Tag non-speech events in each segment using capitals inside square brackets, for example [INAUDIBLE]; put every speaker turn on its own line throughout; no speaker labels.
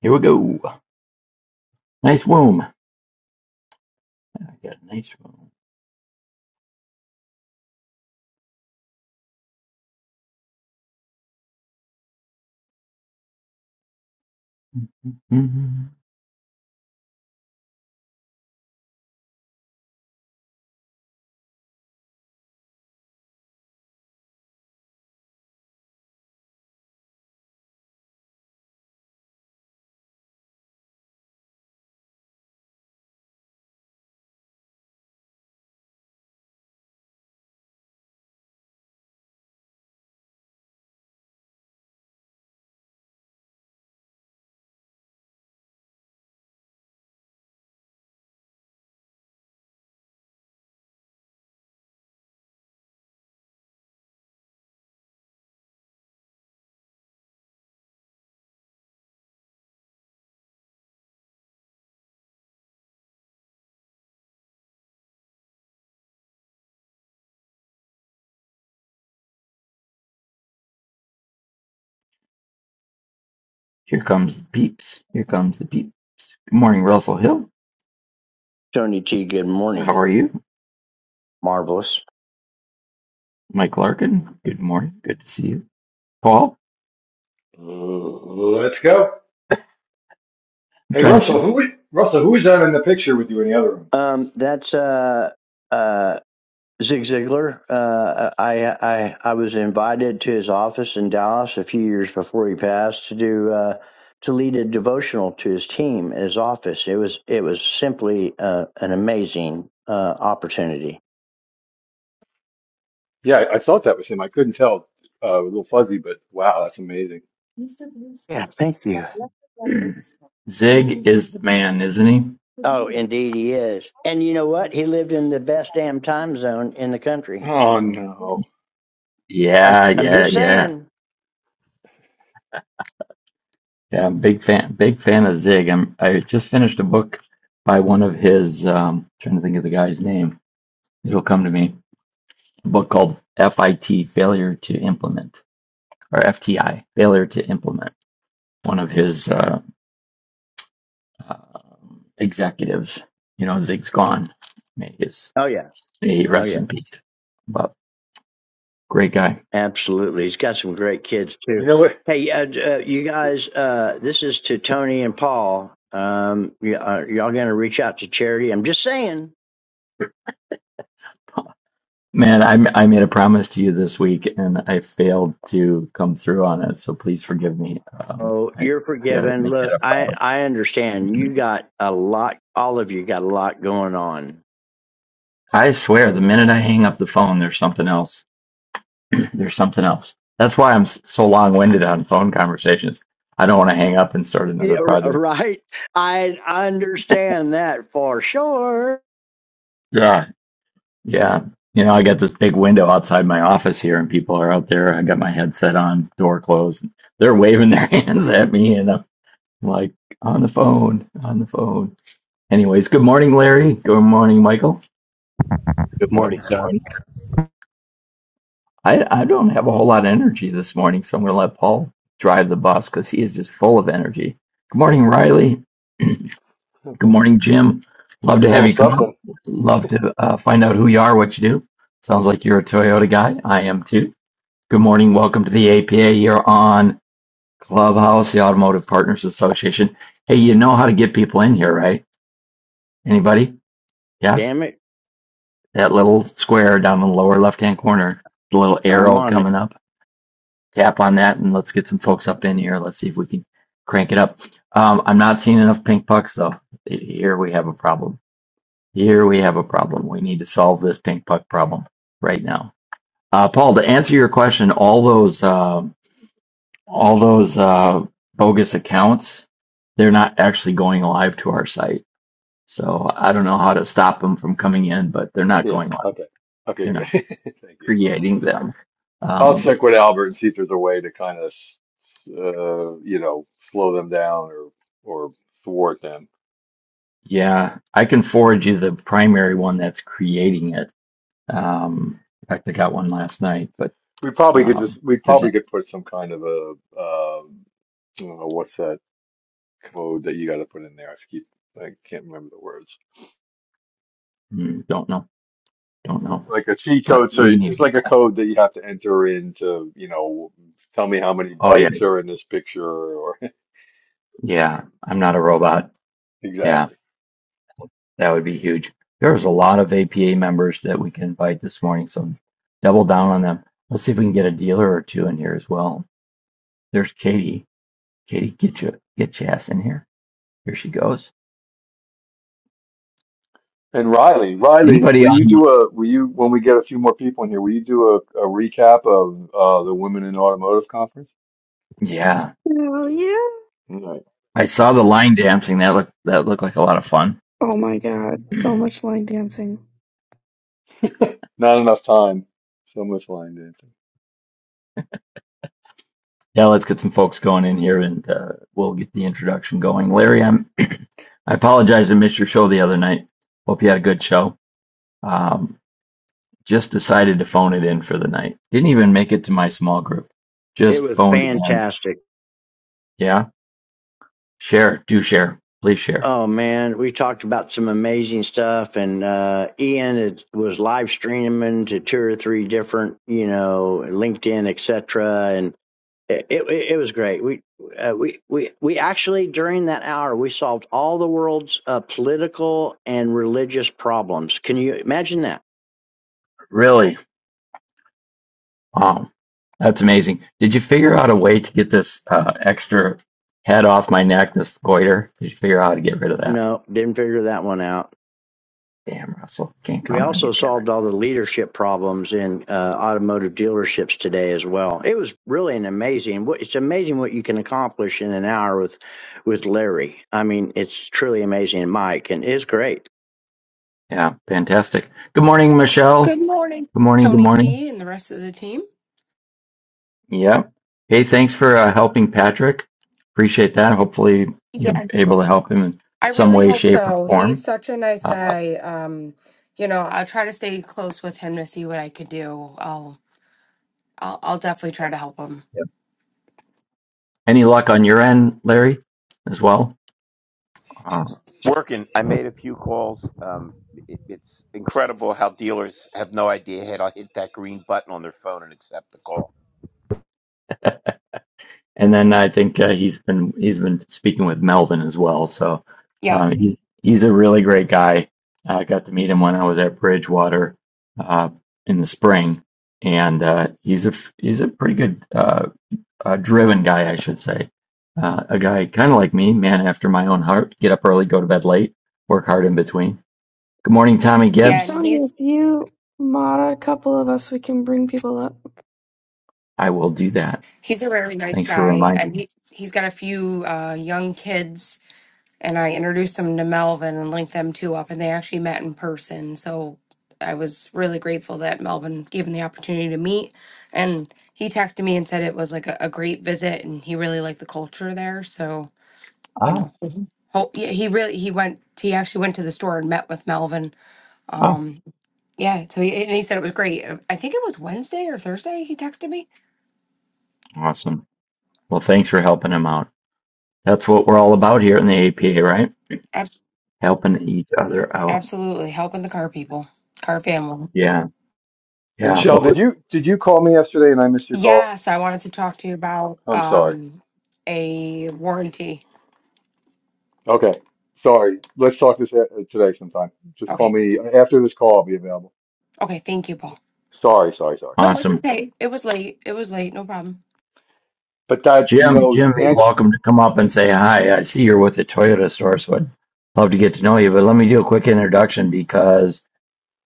Here we go. Nice womb. I got a nice womb. [LAUGHS] Here comes the peeps. Here comes the peeps. Good morning, Russell Hill.
Tony T, good morning.
How are you?
Marvelous.
Mike Larkin. Good morning. Good to see you. Paul.
Uh, let's go.
I'm
Hey,
trying to see.
Russell, who Russell, who's that in the picture with you in the other room?
Um, that's uh, uh, Zig Ziglar. Uh, I, I I was invited to his office in Dallas a few years before he passed to do uh, to lead a devotional to his team at his office. It was it was simply uh, an amazing uh, opportunity.
Yeah, I, I thought that was him. I couldn't tell. Uh, a little fuzzy, but wow, that's amazing.
Yeah, thank you.
Zig is the man, isn't he?
Oh, indeed he is. And you know what? He lived in the best damn time zone in the country.
Oh no.
I'm
Yeah,
I'm
yeah,
just
yeah.
saying.
Yeah, I'm big fan big fan of Zig. I'm I just finished a book by one of his um trying to think of the guy's name. It'll come to me. A book called FIT Failure to Implement or FTI, failure to implement one of his uh, um executives. You know, Zig's gone. May his
Oh yeah.
may he
Oh yeah.
rest in peace. But great guy,
Absolutely. He's got some great kids
You
too.
know what?
Hey, uh, uh, you guys, uh, this is to Tony and Paul. Um, y- uh, y'all going to reach out to charity? I'm just saying.
man. I I made a promise to you this week, and I failed to come through on it. So please forgive me. Um,
Oh,
I
you're
I gotta
forgiven.
make that
Look,
a
I,
priority.
I understand. You got a lot, all of you got a lot going on.
I swear, the minute I hang up the phone, there's something else. [CLEARS THROAT] there's something else. That's why I'm s- so long-winded on phone conversations. I don't want to hang up and start another
Yeah, r-
project.
right? I, I understand that for sure.
Yeah. Yeah. You know, I got this big window outside my office here, and people are out there. I got my headset on, door closed. They're waving their [LAUGHS] hands at me, and I'm like, on the phone, on the phone. Anyways, good morning, Larry. Good morning, Michael. Good morning.
Morning,
Good
sir.
morning. I, I don't have a whole lot of energy this morning, so I'm going to let Paul drive the bus because he is just full of energy. Good morning, Riley. Good
[LAUGHS]
morning, Jim. Love to
Full
have
of
you come up.
something.
Love to uh, find out who you are, what you do. Sounds like you're a Toyota guy. I am too. Good morning. Welcome to the APA here on Clubhouse, the Automotive Partners Association. Hey, you know how to get people in here, right? Anybody? Yes?
Damn it.
That little square down in the lower left hand corner, the little
I'm
arrow
on it.
coming up. Tap on that and let's get some folks up in here. Let's see if we can crank it up. Um, I'm not seeing enough pink pucks though. Here we have a problem. Here we have a problem. We need to solve this pink puck problem right now. Uh, Paul, to answer your question, all those. um, all those uh, bogus accounts, they're not actually going live to our site. So I don't know how to stop them from coming in, but they're not
Yeah.
going live.
Okay. Okay.
They're not
Good. [LAUGHS] Thank you.
creating them.
I'll
Um,
check with Albert and see if there's a way to kind of, uh, you know, slow them down or or thwart them.
yeah, I can forward you the primary one that's creating it. Um, in fact, I got one last night, but
We probably could just
um,
we
if there's
probably
any,
could put some kind of a uh, what's that? code that you got to put in there. I keep I can't remember the words.
mm, don't know, don't know.
Like a cheat
But
code, so
we need to
it's
get
like a
going.
code that you have to enter in to, you know, tell me how many
Oh yeah,
bikes are in this picture or
yeah. I'm not a robot.
[LAUGHS]
Yeah.
exactly.
That would be huge. There's a lot of APA members that we can invite this morning, so double down on them. Let's see if we can get a dealer or two in here as well. There's Katie. Katie, get you get your ass in here. Here she goes.
And Riley, Riley,
Anybody
will you
on?
do a will you when we get a few more people in here, will you do a, a recap of uh, the Women in Automotive conference?
Yeah,
Oh yeah.
No.
I saw the line dancing. That looked that looked like a lot of fun.
Oh my god. So much line dancing.
[LAUGHS] Not enough time. So much line dancing.
Yeah, let's get some folks going in here, and uh, we'll get the introduction going. Larry, I'm. [CLEARS THROAT] I apologize I missed your show the other night. Hope you had a good show. Um, Just decided to phone it in for the night. Didn't even make it to my small group.
It
Just
was
phoned it in.
fantastic.
Yeah? Share. Do share. Please share.
Oh man, we talked about some amazing stuff, and uh, Ian it was live streaming to two or three different, you know, LinkedIn, etc. And it, it it was great. We uh, we we we actually during that hour we solved all the world's uh, political and religious problems. Can you imagine that?
Really? Wow. That's amazing. Did you figure out a way to get this uh, extra head off my neck, this goiter? Did you figure out how to get rid of that?
No, didn't figure that one out
Damn, Russell. Can't
We
count on you,
also
can I?
solved all the leadership problems in uh, automotive dealerships today as well. It was really an amazing. what- It's amazing what you can accomplish in an hour with with Larry. I mean, it's truly amazing, and Mike, and it's great.
Yeah, fantastic. Good morning, Michelle.
Good morning,
Good morning. Good
Tony
morning.
T and the rest of the team.
Yep. Hey, thanks for uh, helping Patrick. Appreciate that. Hopefully, you're
Yes.
able to help him in
I
some
really
way,
hope
shape, or
so. He's
form.
such a nice
Uh,
guy. Um, you know, I'll try to stay close with him to see what I could do. I'll I'll I'll definitely try to help him.
yep. any luck on your end, Larry, as well? Uh,
working. I made a few calls. Um, it, it's incredible how dealers have no idea how to hit that green button on their phone and accept the call.
[LAUGHS] and then I think uh, he's been he's been speaking with Melvin as well. So
Yeah.
um, he's he's a really great guy. I got to meet him when I was at Bridgewater uh, in the spring, and uh, he's a f- he's a pretty good uh, uh, driven guy, I should say. Uh, a guy kind of like me, man after my own heart. Get up early, go to bed late, work hard in between. Good morning, Tommy
Hey
Yeah, and
Gibbs.
Tony, if
he's
you mod a couple of us, we can bring people up.
I will do that.
he's a really nice
Thanks for
guy and
reminding me.
he he's got a few uh young kids and I introduced them to Melvin and linked them two up, and they actually met in person. So I was really grateful that Melvin gave him the opportunity to meet. And he texted me and said it was like a, a great visit, and he really liked the culture there. So you know,
Ah,
Mhm. ho- yeah, he really he went. He actually went to the store and met with Melvin. Um, yeah. So he and he said it was great. Uh, I think it was Wednesday or Thursday. He texted me.
Awesome. Well, thanks for helping him out. That's what we're all about here in the APA, right?
Abs-
Helping each other out.
absolutely helping the car people, car family.
Yeah.
And
Yeah.
Shell,
Well,
did you did you call me yesterday and I missed your call?
Yes, I wanted to talk to you about
I'm sorry.
um a warranty.
Okay. Sorry. Let's talk this uh, today sometime. Just call
Okay.
me after this call. I'll be available.
Okay, thank you, Paul.
Sorry, sorry, sorry.
No, it's
awesome.
okay. It was late. It was late, no problem.
But that, you
Jim,
know,
Jim, you're
Anch,
welcome to come up and say hi. I see you're with the Toyota store, so I'd love to get to know you. But let me do a quick introduction because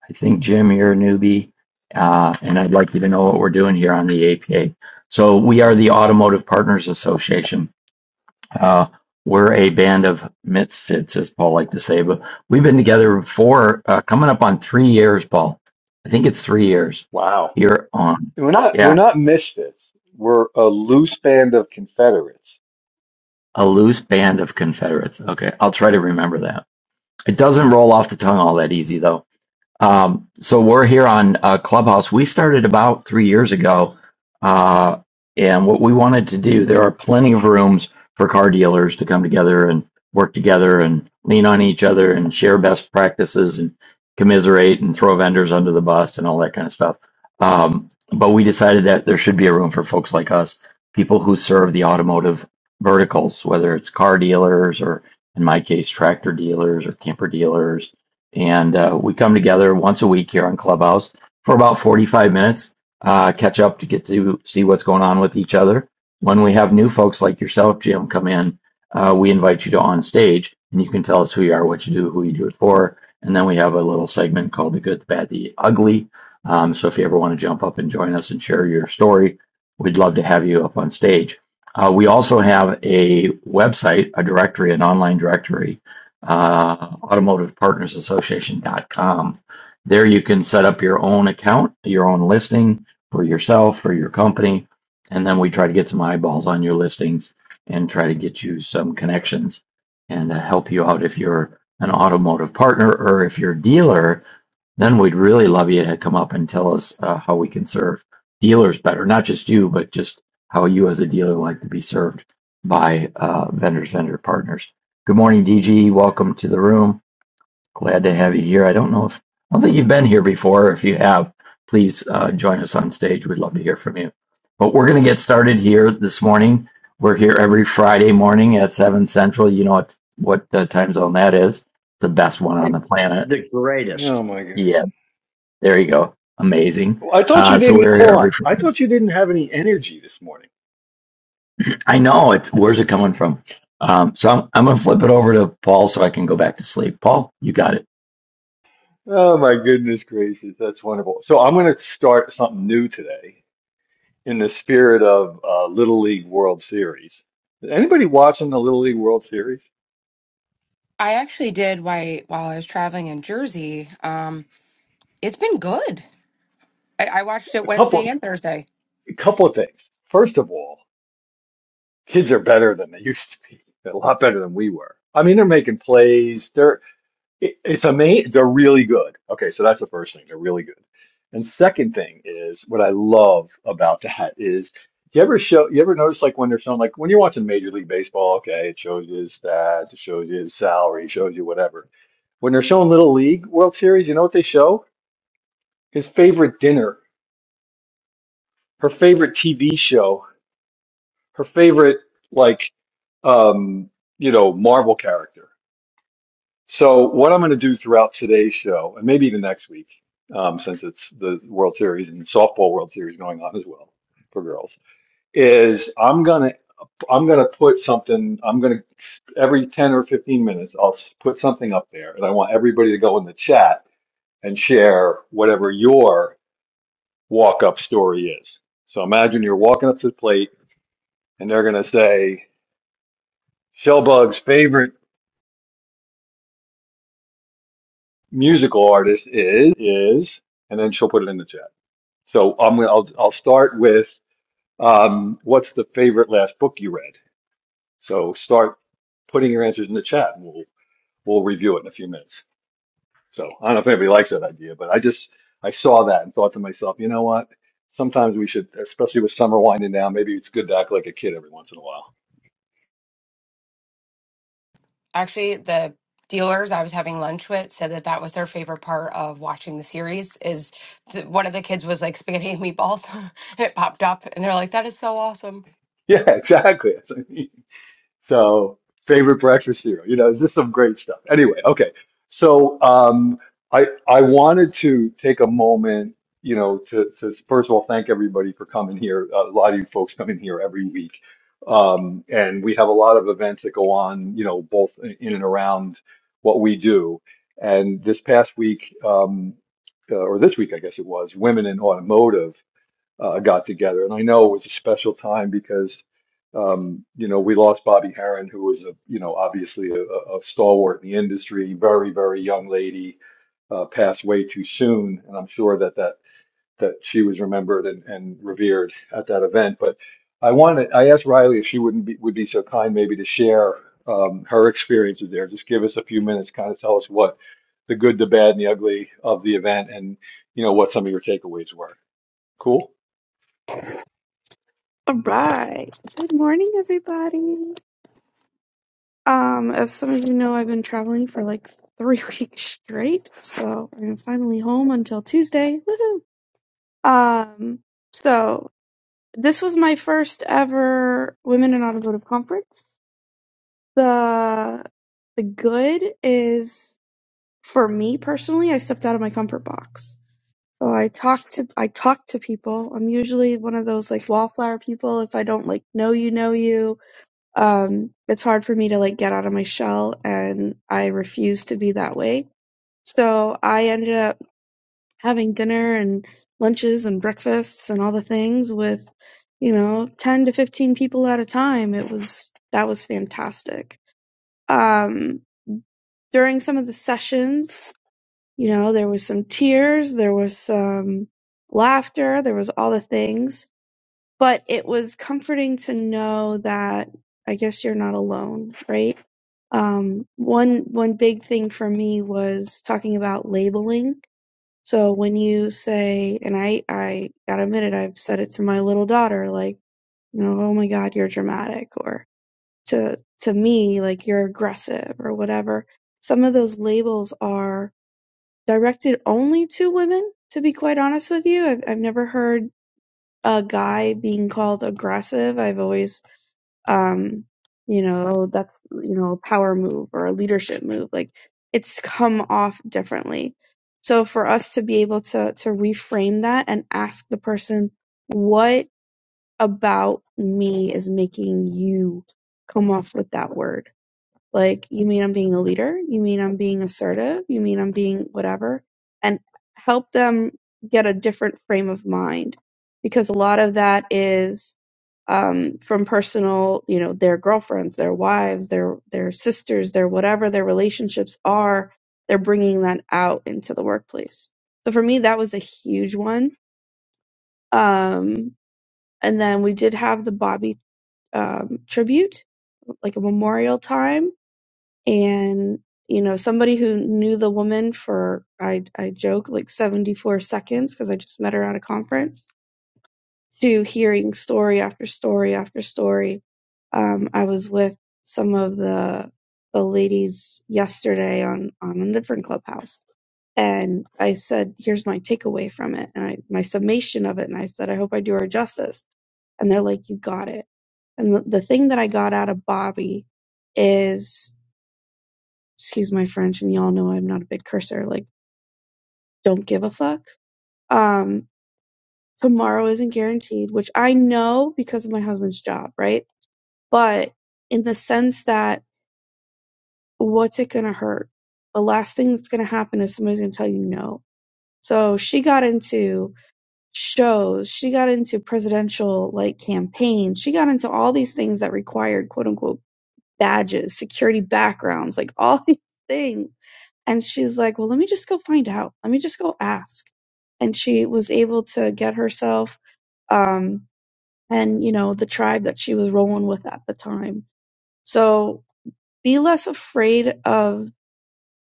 I think, Jim, you're a newbie, uh, and I'd like you to know what we're doing here on the APA. So, we are the Automotive Partners Association. Uh, we're a band of misfits, as Paul liked to say, but we've been together for uh, coming up on three years, Paul. I think it's three years
wow.
You're on.
We're not we're
Yeah,
not misfits. We're a loose band of Confederates.
a loose band of Confederates. Okay, I'll try to remember that. It doesn't roll off the tongue all that easy, though. Um, so we're here on uh, Clubhouse. We started about three years ago, uh, and what we wanted to do, there are plenty of rooms for car dealers to come together and work together and lean on each other and share best practices and commiserate and throw vendors under the bus and all that kind of stuff. Um, but we decided that there should be a room for folks like us, people who serve the automotive verticals, whether it's car dealers or, in my case, tractor dealers or camper dealers and uh, we come together once a week here on Clubhouse for about 45 minutes, uh, catch up to get to see what's going on with each other. When we have new folks like yourself, Jim, come in, uh, we invite you to on stage, and you can tell us who you are, what you do, who you do it for, and then we have a little segment called the Good, the Bad, the Ugly. Um, so if you ever want to jump up and join us and share your story, we'd love to have you up on stage. Uh, we also have a website, a directory, an online directory uh, automotivepartnersassociation.com. There you can set up your own account, your own listing for yourself, for your company, and then we try to get some eyeballs on your listings and try to get you some connections and uh, help you out if you're an automotive partner or if you're a dealer then we'd really love you to come up and tell us uh, how we can serve dealers better, not just you, but just how you as a dealer like to be served by uh, vendors, vendor partners. Good morning, DG. Welcome to the room. Glad to have you here. I don't know if, I don't think you've been here before. If you have, please uh, join us on stage. We'd love to hear from you. But we're going to get started here this morning. We're here every Friday morning at 7 Central. You know what, what uh, time zone that is. The best one on
It's
the planet.
the greatest.
Oh my God.
Yeah. There you go. Amazing.
Well, I thought
Uh,
you
so
didn't,
we're here
hold
every
on. I
Friday.
thought you didn't have any energy this morning.
I know it's where's it coming from? Um, so I'm I'm gonna flip it over to Paul so I can go back to sleep. Paul, you got it.
Oh my goodness gracious, that's wonderful. So I'm going to start something new today in the spirit of uh, Little League World Series. Anybody watching the Little League World Series?
I actually did while while I was traveling in Jersey. Um it's been good. I, I watched it
A
Wednesday
couple.
and Thursday.
A couple of things. First of all, kids are better than they [LAUGHS] used to be. They're a lot better than we were. I mean, they're making plays. They're it, it's amazing. They're really good. Okay, so that's the first thing. They're really good. And second thing is what I love about that is you ever show you ever notice like when they're showing like when you're watching Major League Baseball, okay, it shows you his stats, it shows you his salary, it shows you whatever. When they're showing Little League World Series, you know what they show? His favorite dinner, her favorite TV show, her favorite like um, you know, Marvel character. So what I'm going to do throughout today's show, and maybe even next week, um, since it's the World Series and softball World Series going on as well for girls, is I'm gonna I'm gonna put something. I'm gonna every 10 or 15 minutes, I'll s- put something up there, and I want everybody to go in the chat and share whatever your walk up story is. So imagine you're walking up to the plate, and they're gonna say Shellbug's favorite musical artist is is, and then she'll put it in the chat. So I'm gonna I'll I'll start with um, what's the favorite last book you read? So start putting your answers in the chat, and we'll we'll review it in a few minutes. So I don't know if anybody likes that idea, but I just I saw that and thought to myself, you know what? Sometimes we should, especially with summer winding down, maybe it's good to act like a kid every once in a while. [LAUGHS]
Actually, the dealers I was having lunch with said that that was their favorite part of watching the series is th- one of the kids was like spaghetti and meatballs [LAUGHS] and it popped up and they're like that is so awesome.
Yeah, exactly. So, favorite breakfast cereal. You know, is this some great stuff? Anyway, okay. So, um, I I wanted to take a moment, you know, to to first of all thank everybody for coming here. A lot of you folks come in here every week, um, and we have a lot of events that go on, you know, both in and around what we do. And this past week, um, uh, or this week, I guess it was, Women in Automotive uh, got together. And I know it was a special time because, um, you know, we lost Bobby Harron, who was a, you know, obviously a, a a stalwart in the industry, very, very young lady, uh, passed way too soon. And I'm sure that that that she was remembered and, and revered at that event. But I wanted, I asked Riley if she wouldn't be, would be so kind maybe to share um, her experiences there. Just give us a few minutes, kind of tell us what the good, the bad, and the ugly of the event, and you know what some of your takeaways were. Cool.
Alright. Good morning everybody. Um, as some of you know, I've been traveling for like three [LAUGHS] weeks straight, so I'm finally home until Tuesday. Woohoo! Um, so this was my first ever Women in Automotive conference. The the good is for me personally, I stepped out of my comfort box So I talk to I talk to people. I'm usually one of those like wallflower people. If I don't like know you, know you. Um, it's hard for me to like get out of my shell, and I refuse to be that way. So I ended up having dinner and lunches and breakfasts and all the things with, you know, ten to fifteen people at a time. It was that was fantastic. Um, during some of the sessions. You know, there was some tears, there was some laughter, there was all the things, but it was comforting to know that I guess you're not alone, right? Um, one one big thing for me was talking about labeling. So when you say, and I I gotta admit it, I've said it to my little daughter, like, you know, oh my God, you're dramatic, or to to me, like you're aggressive or whatever. Some of those labels are directed only to women, to be quite honest with you. I've, I've never heard a guy being called aggressive. I've always, um, you know, that's, you know, a power move or a leadership move. Like it's come off differently. So for us to be able to, to reframe that and ask the person, what about me is making you come off with that word? Like, you mean I'm being a leader? You mean I'm being assertive? You mean I'm being whatever? And help them get a different frame of mind because a lot of that is um, from personal, you know, their girlfriends, their wives, their their sisters, their whatever their relationships are. They're bringing that out into the workplace. So for me, that was a huge one. Um, and then we did have the Bobby um, tribute, like a memorial time and you know somebody who knew the woman for i i joke like 74 seconds because i just met her at a conference to hearing story after story after story um i was with some of the the ladies yesterday on on a different clubhouse and i said here's my takeaway from it and I, my summation of it and i said i hope i do her justice and they're like you got it and the, the thing that i got out of bobby is excuse my French, and y'all know I'm not a big cursor, like, don't give a fuck. Um, tomorrow isn't guaranteed, which I know because of my husband's job, right? But in the sense that what's it gonna hurt? The last thing that's gonna happen is somebody's gonna tell you no. So she got into shows, she got into presidential like campaigns, she got into all these things that required quote unquote badges, security backgrounds, like [LAUGHS] all these things And she's like, well, let me just go find out. Let me just go ask. And she was able to get herself, um, and you know, the tribe that she was rolling with at the time. So be less afraid of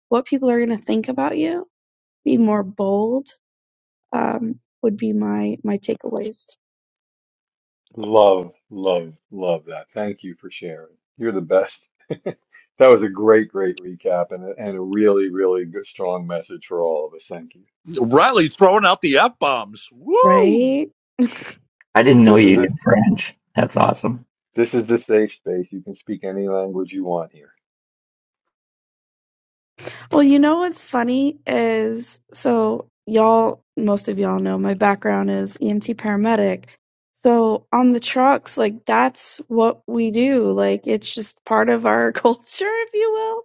what people are going to think about you. Be more bold, um, would be my, my takeaways.
Love, love, love that. Thank you for sharing. You're the best. [LAUGHS] That was a great, great recap and a, and a really, really good, strong message for all of us. Thank you.
Riley throwing out the F bombs. Woo!
Right? [LAUGHS]
I didn't know
This is
you knew
a
French. That's awesome.
this is the safe space. You can speak any language you want
Well, you know what's funny is so y'all, most of y'all know my background is EMT paramedic. So on the trucks, like that's what we do. Like it's just part of our [LAUGHS] culture, if you will.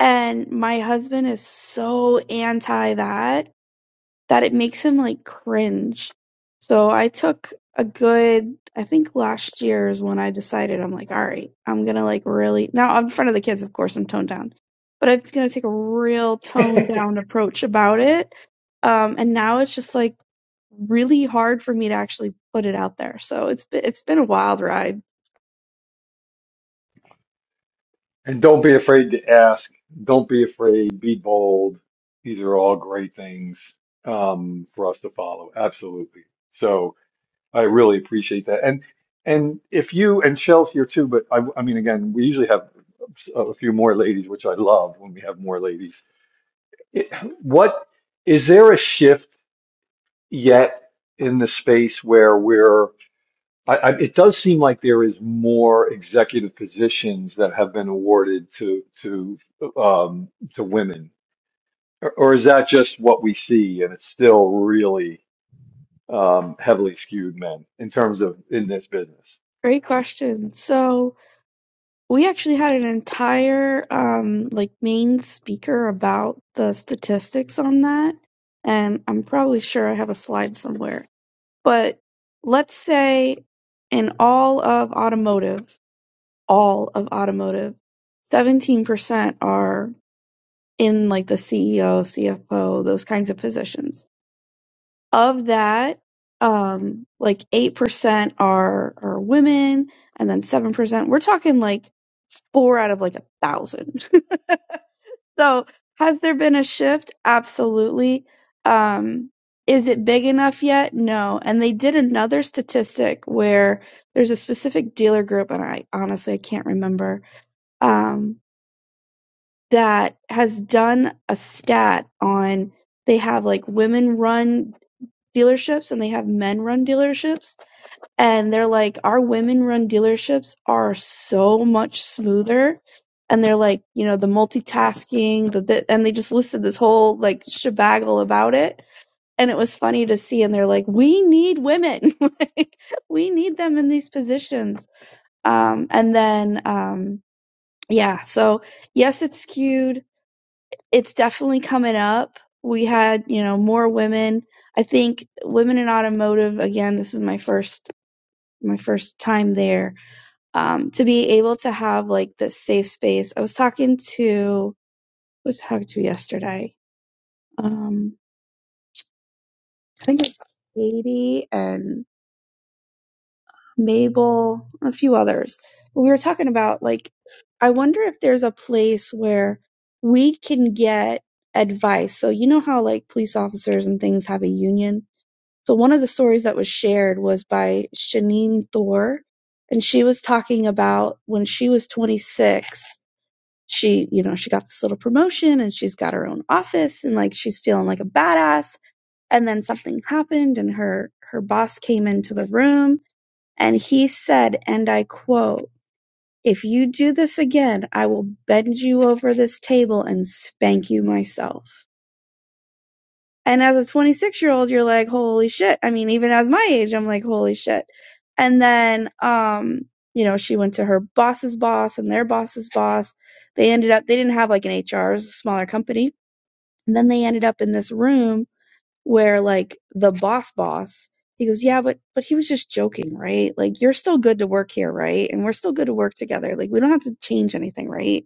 And my husband is so anti that that it makes him like cringe. So I took a good, I think last year is when I decided I'm like, all right, I'm gonna like really now in front of the kids, of course, I'm toned down, but I'm gonna take a real toned
here.
down approach about it. Um, and now it's just like really hard for me to actually put it out there. So it's been, it's been a wild ride.
[LAUGHS] And don't be afraid to ask. Don't be afraid. Be bold. These are all great things um, for us to follow. Absolutely. So. I really appreciate that. And and if you and Shell's here too, but I, I mean, again, we usually have a a few more ladies, which I love when we have more ladies. It, what is there a shift yet in the space where we're? I, I, it does seem like there is more executive positions that have been awarded to to um, to women, or, or is that just what we see, and it's still really um, heavily skewed men in terms of in this business?
Great question. So we actually had an entire um like main speaker about the statistics on that and i'm probably sure i have a slide somewhere but let's say in all of automotive all of automotive 17% are in like the ceo cfo those kinds of positions of that, um, like 8% are, are women and then 7%. We're talking like four out of like a thousand. [LAUGHS] so has there been a shift? Absolutely. Um, is it big enough yet? No. And they did another statistic where there's a specific dealer group, and I honestly I can't remember, um, that has done a stat on they have like women run dealerships and they have men run dealerships and they're like our women run dealerships are so much smoother and they're like you know the multitasking the, the and they just listed this whole like shebagle about it and it was funny to see and they're like we need women [LAUGHS] like we need them in these positions um and then um yeah so yes it's skewed it's definitely coming up we had you know more women i think women in automotive again this is my first my first time there um, to be able to have like this safe space. I was talking to who was I talking to yesterday. Um, I think it's Katie and Mabel, a few others. we were talking about like, I wonder if there's a place where we can get advice. So you know how like police officers and things have a union. So one of the stories that was shared was by Shanine Thor, and she was talking about when she was 26 she, you know, she got this little promotion and she's got her own office and like she's feeling like a badass. And then something happened and her, her boss came into the room and he said, and I quote, if you do this again, I will bend you over this table and spank you myself. And as a 26 year old, you're like, holy shit. I mean, even as my age, I'm like, holy shit. And then, um, you know, she went to her boss's boss and their boss's boss. They ended up, they didn't have like an HR, it was a smaller company. And then they ended up in this room where like the boss boss, he goes, yeah, but, but he was just joking, right? Like, you're still good to work here, right? And we're still good to work together. Like, we don't have to change anything, right?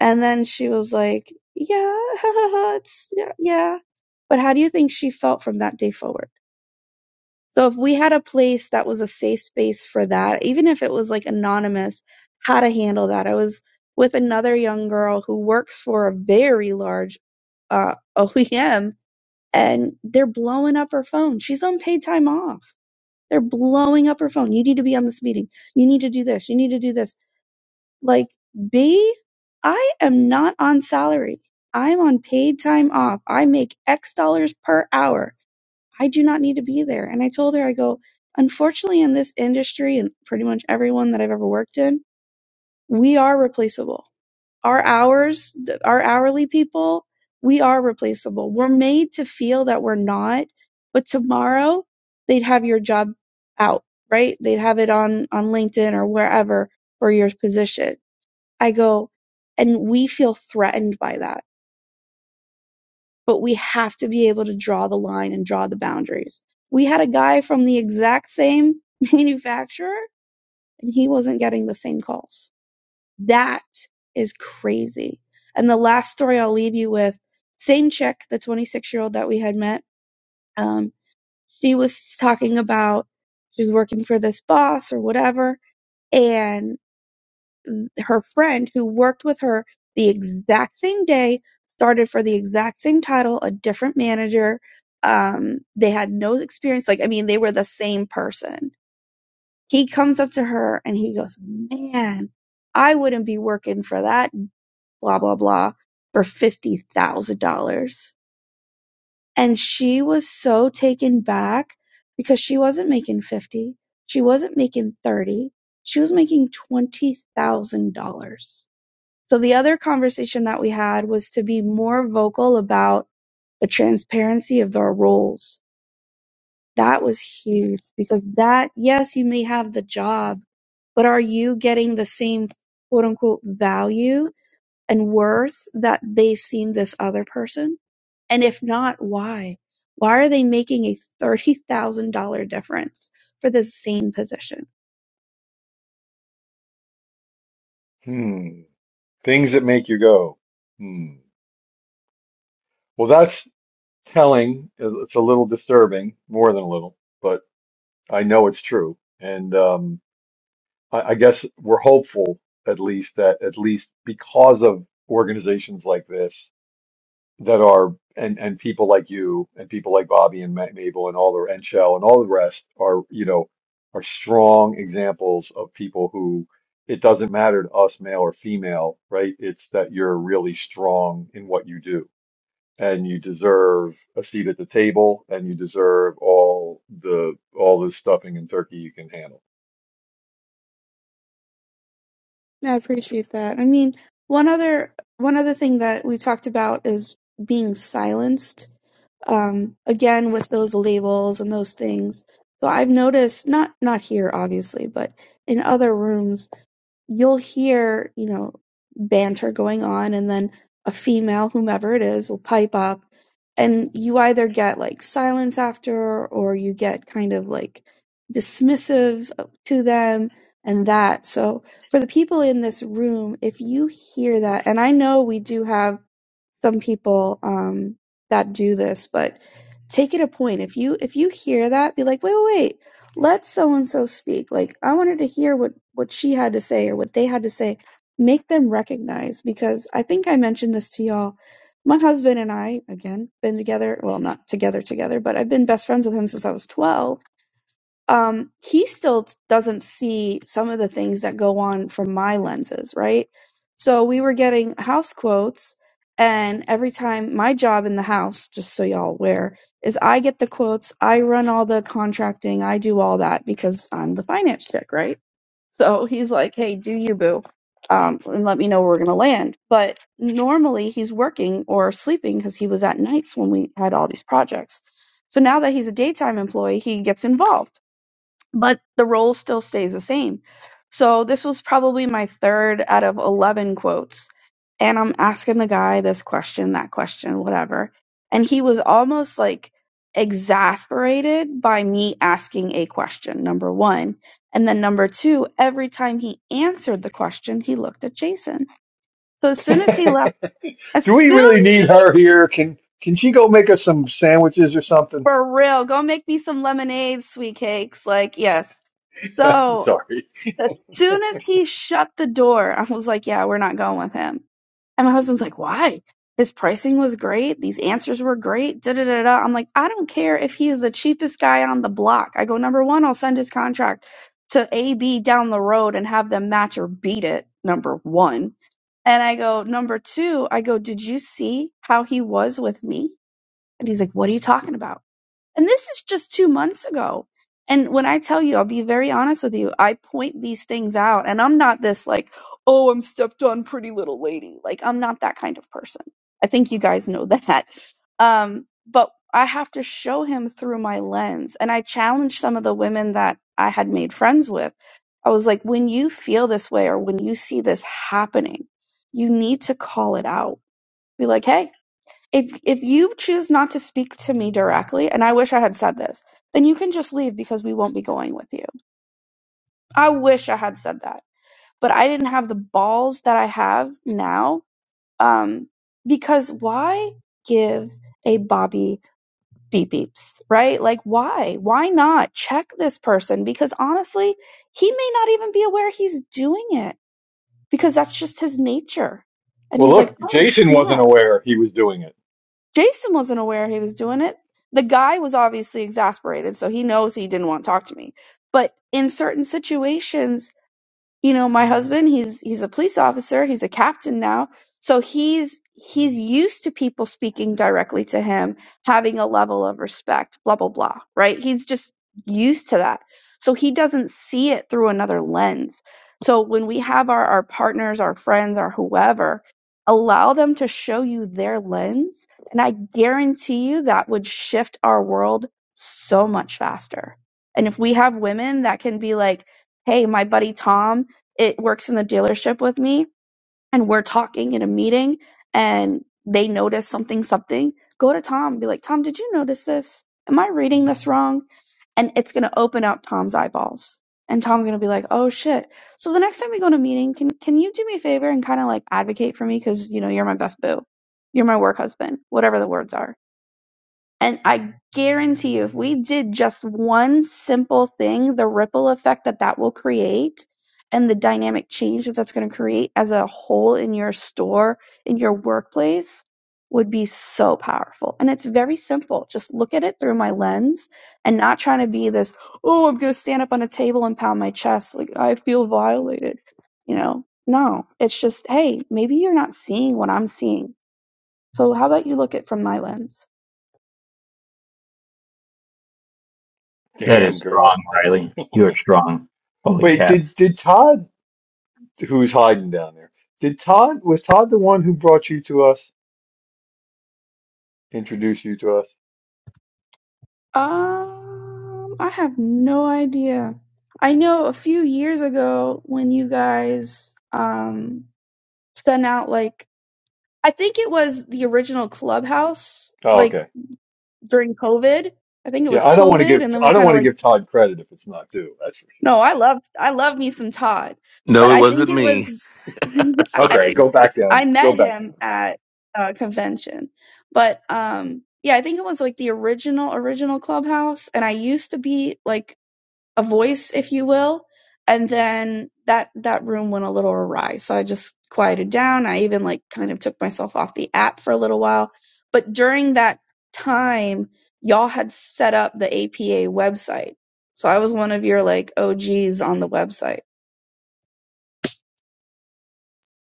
And then she was like, yeah, [LAUGHS] it's, yeah, yeah. But how do you think she felt from that day forward? So if we had a place that was a safe space for that, even if it was like anonymous, how to handle that. I was with another young girl who works for a very large uh, [LAUGHS] OEM and they're blowing up her phone. She's on paid time off. They're blowing up her phone. You need to be on this meeting. You need to do this. You need to do this like, B, I am not on salary. I'm on paid time off. I make X dollars per hour. I do not need to be there. And I told her, I go, unfortunately, in this industry and pretty much everyone that I've ever worked in, we are replaceable. Our hours, th- our hourly people, we are replaceable. We're made to feel that we're not, but tomorrow they'd have your job out, right? They'd have it on, on LinkedIn or wherever for your position I go, and we feel threatened by that, but we have to be able to draw the line and draw the boundaries. We had a guy from the exact same [LAUGHS] manufacturer and he wasn't getting the same calls. That is crazy. And the last story I'll leave you with same chick, the 26 year old that we had met. Um, she was talking about she was working for this boss or whatever. and. her friend who worked with her the exact same day started for the exact same title a different manager um they had no experience like i mean they were the same person he comes up to her and he goes man i wouldn't be working for that blah blah blah for $50,000 and she was so taken back because she wasn't making 50 she wasn't making 30 she was making $20,000 so the other conversation that we had was to be more vocal about the transparency of our roles. That was huge because that, yes, you may have the job, but are you getting the same quote unquote value and worth that they seem this other person? And if not, why? Why are they making a $30,000 difference for the same position?
Hmm. Things that make you go, hmm. Well, that's telling. It's a little disturbing, more than a little, but I know it's true. And um, I, I guess we're hopeful, at least, that at least because of organizations like this that are, and, and people like you and people like Bobby and Matt Mabel and all the, and Shell and all the rest are, you know, are strong examples of people who it doesn't matter to us, male or female, right? It's that you're really strong in what you do and you deserve a seat at the table and you deserve all the all the stuffing and turkey you can handle.
Yeah, I appreciate that. I mean, one other one other thing that we talked about is being silenced. Um, again, with those labels and those things. So I've noticed not not here obviously, but in other rooms you'll hear, you know, banter going on, and then a female, whomever it is, will pipe up, and you either get like silence after, or you get kind of like dismissive to them and that. So, for the people in this room, if you hear that, and I know we do have some people um, that do this, but take it a point. If you if you hear that, be like, wait, wait, wait let so and so speak like i wanted to hear what what she had to say or what they had to say make them recognize because i think i mentioned this to y'all my husband and i again been together well not together together but i've been best friends with him since i was 12 um, he still doesn't see some of the things that go on from my lenses, right? So we were getting house quotes, and every time my job in the house, just so y'all aware, is I get the quotes, I run all the contracting, I do all that because I'm the finance chick, right? So he's like, "Hey, do you boo?" Um, and let me know where we're gonna land. But normally he's working or sleeping because he was at nights when we had all these projects. So now that he's a daytime employee, he gets involved but the role still stays the same. So this was probably my third out of 11 quotes. And I'm asking the guy this question, that question, whatever. And he was almost like exasperated by me asking a question, number one. And then number two, every time he answered the question, he looked at Jason. So as soon as he
[LAUGHS]
left, as
Do we
soon
really need her here? Can can she go make us some sandwiches or something?
for real, go make me some lemonade, sweet cakes. Like, yes.
[LAUGHS]
So
Sorry.
As soon as he shut the door, I was like, yeah, we're not going with him. And my husband's like, why? His pricing was great. These answers were great. Da da da da. I'm like, I don't care if he's the cheapest guy on the block. I go, number one, I'll send his contract to AB down the road and have them match or beat it. Number one. And I go, number two, I go, did you see how he was with me? And he's like, what are you talking about? And this is just two months ago. And when I tell you, I'll be very honest with you, I point these things out. And I'm not this like, oh, I'm stepped on pretty little lady. Like, I'm not that kind of person. I think you guys know [LAUGHS] that. Um, but I have to show him through my lens. And I challenged some of the women that I had made friends with. I was like, when you feel this way or when you see this happening, you need to call it out. Be like, hey, if if you choose not to speak to me directly and i wish i had said this then you can just leave because we won't be going with you i wish i had said that but i didn't have the balls that i have now um because why give a bobby beep beeps right like why why not check this person because honestly he may not even be aware he's doing it because that's just his nature and
Well,
he's like
look,
oh
Jason wasn't
snap
aware he was doing it.
Jason wasn't aware he was doing it. The guy was obviously exasperated, so he knows he didn't want to talk to me. But in certain situations, you know my husband he's he's a police officer he's a captain now so he's he's used to people speaking directly to him having a level of respect blah blah blah right he's just used to that so he doesn't see it through another lens so when we have our our partners our friends our whoever allow them to show you their lens and i guarantee you that would shift our world so much faster and if we have women that can be like hey my buddy tom it works in the dealership with me and we're talking in a meeting and they notice something something go to tom and be like tom did you notice this am i reading this wrong and it's going to open up tom's eyeballs and tom's going to be like oh shit so the next time we go to a meeting can can you do me a favor and kind of like advocate for me cuz you know you're my best boo you're my work husband whatever the words are and I guarantee you, if we did just one simple thing, the ripple effect that that will create and the dynamic change that that's going to create as a whole in your store, in your workplace, would be so powerful. And it's very simple. Just look at it through my lens and not trying to be this, oh, I'm going to stand up on a table and pound my chest. Like, I feel violated. You know, no, it's just, hey, maybe you're not seeing what I'm seeing. So, how about you look at it from my lens?
That
Damn
is
girl.
strong, Riley. You are strong. Holy
Wait, did
cats.
did Todd who's hiding down there? Did Todd was Todd the one who brought you to us? Introduced you to us?
Um, I have no idea. I know a few years ago when you guys um sent out like I think it was the original Clubhouse
Oh,
like
okay.
during COVID. I think it
Yeah,
was
I don't want to
COVID
give
and then
I
we
don't
kind
want
of
to
like
give Todd credit if it's not due. That's for sure.
no, I love I love me some Todd.
No,
But
it
I
wasn't
think it was
me. [LAUGHS]
[LAUGHS] I
Okay,
Sorry.
go back down.
I
Go
met
back down.
him at a convention. But um yeah, I think it was like the original original Clubhouse and I used to be like a voice if you will. And then that that room went a little awry. So I just quieted down. I even like kind of took myself off the app for a little while. But during that time, y'all had set up the APA website. So I was one of your like OGs on the website.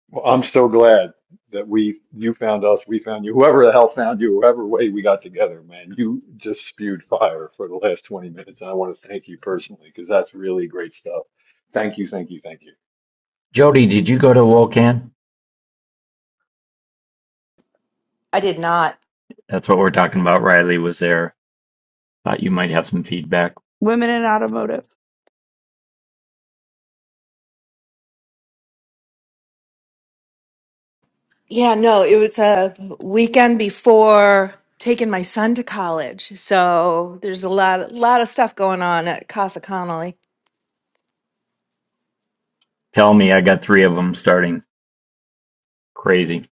Well, I'm so glad that we you found us, we found you. Whoever the hell found you, whoever way we got together, man, you just spewed fire for the last 20 minutes, and I want to thank you personally because that's really great stuff. Thank you, thank you, thank you.
Jody, did you go to WOCAN?
I did not.
That's what we're talking about. Riley was there. Thought you might have some feedback.
Women in automotive.
Yeah, no, it was a weekend before taking my son to college. So there's a lot, lot of stuff going on at Casa Connolly.
Tell me, I got three of them starting. Crazy.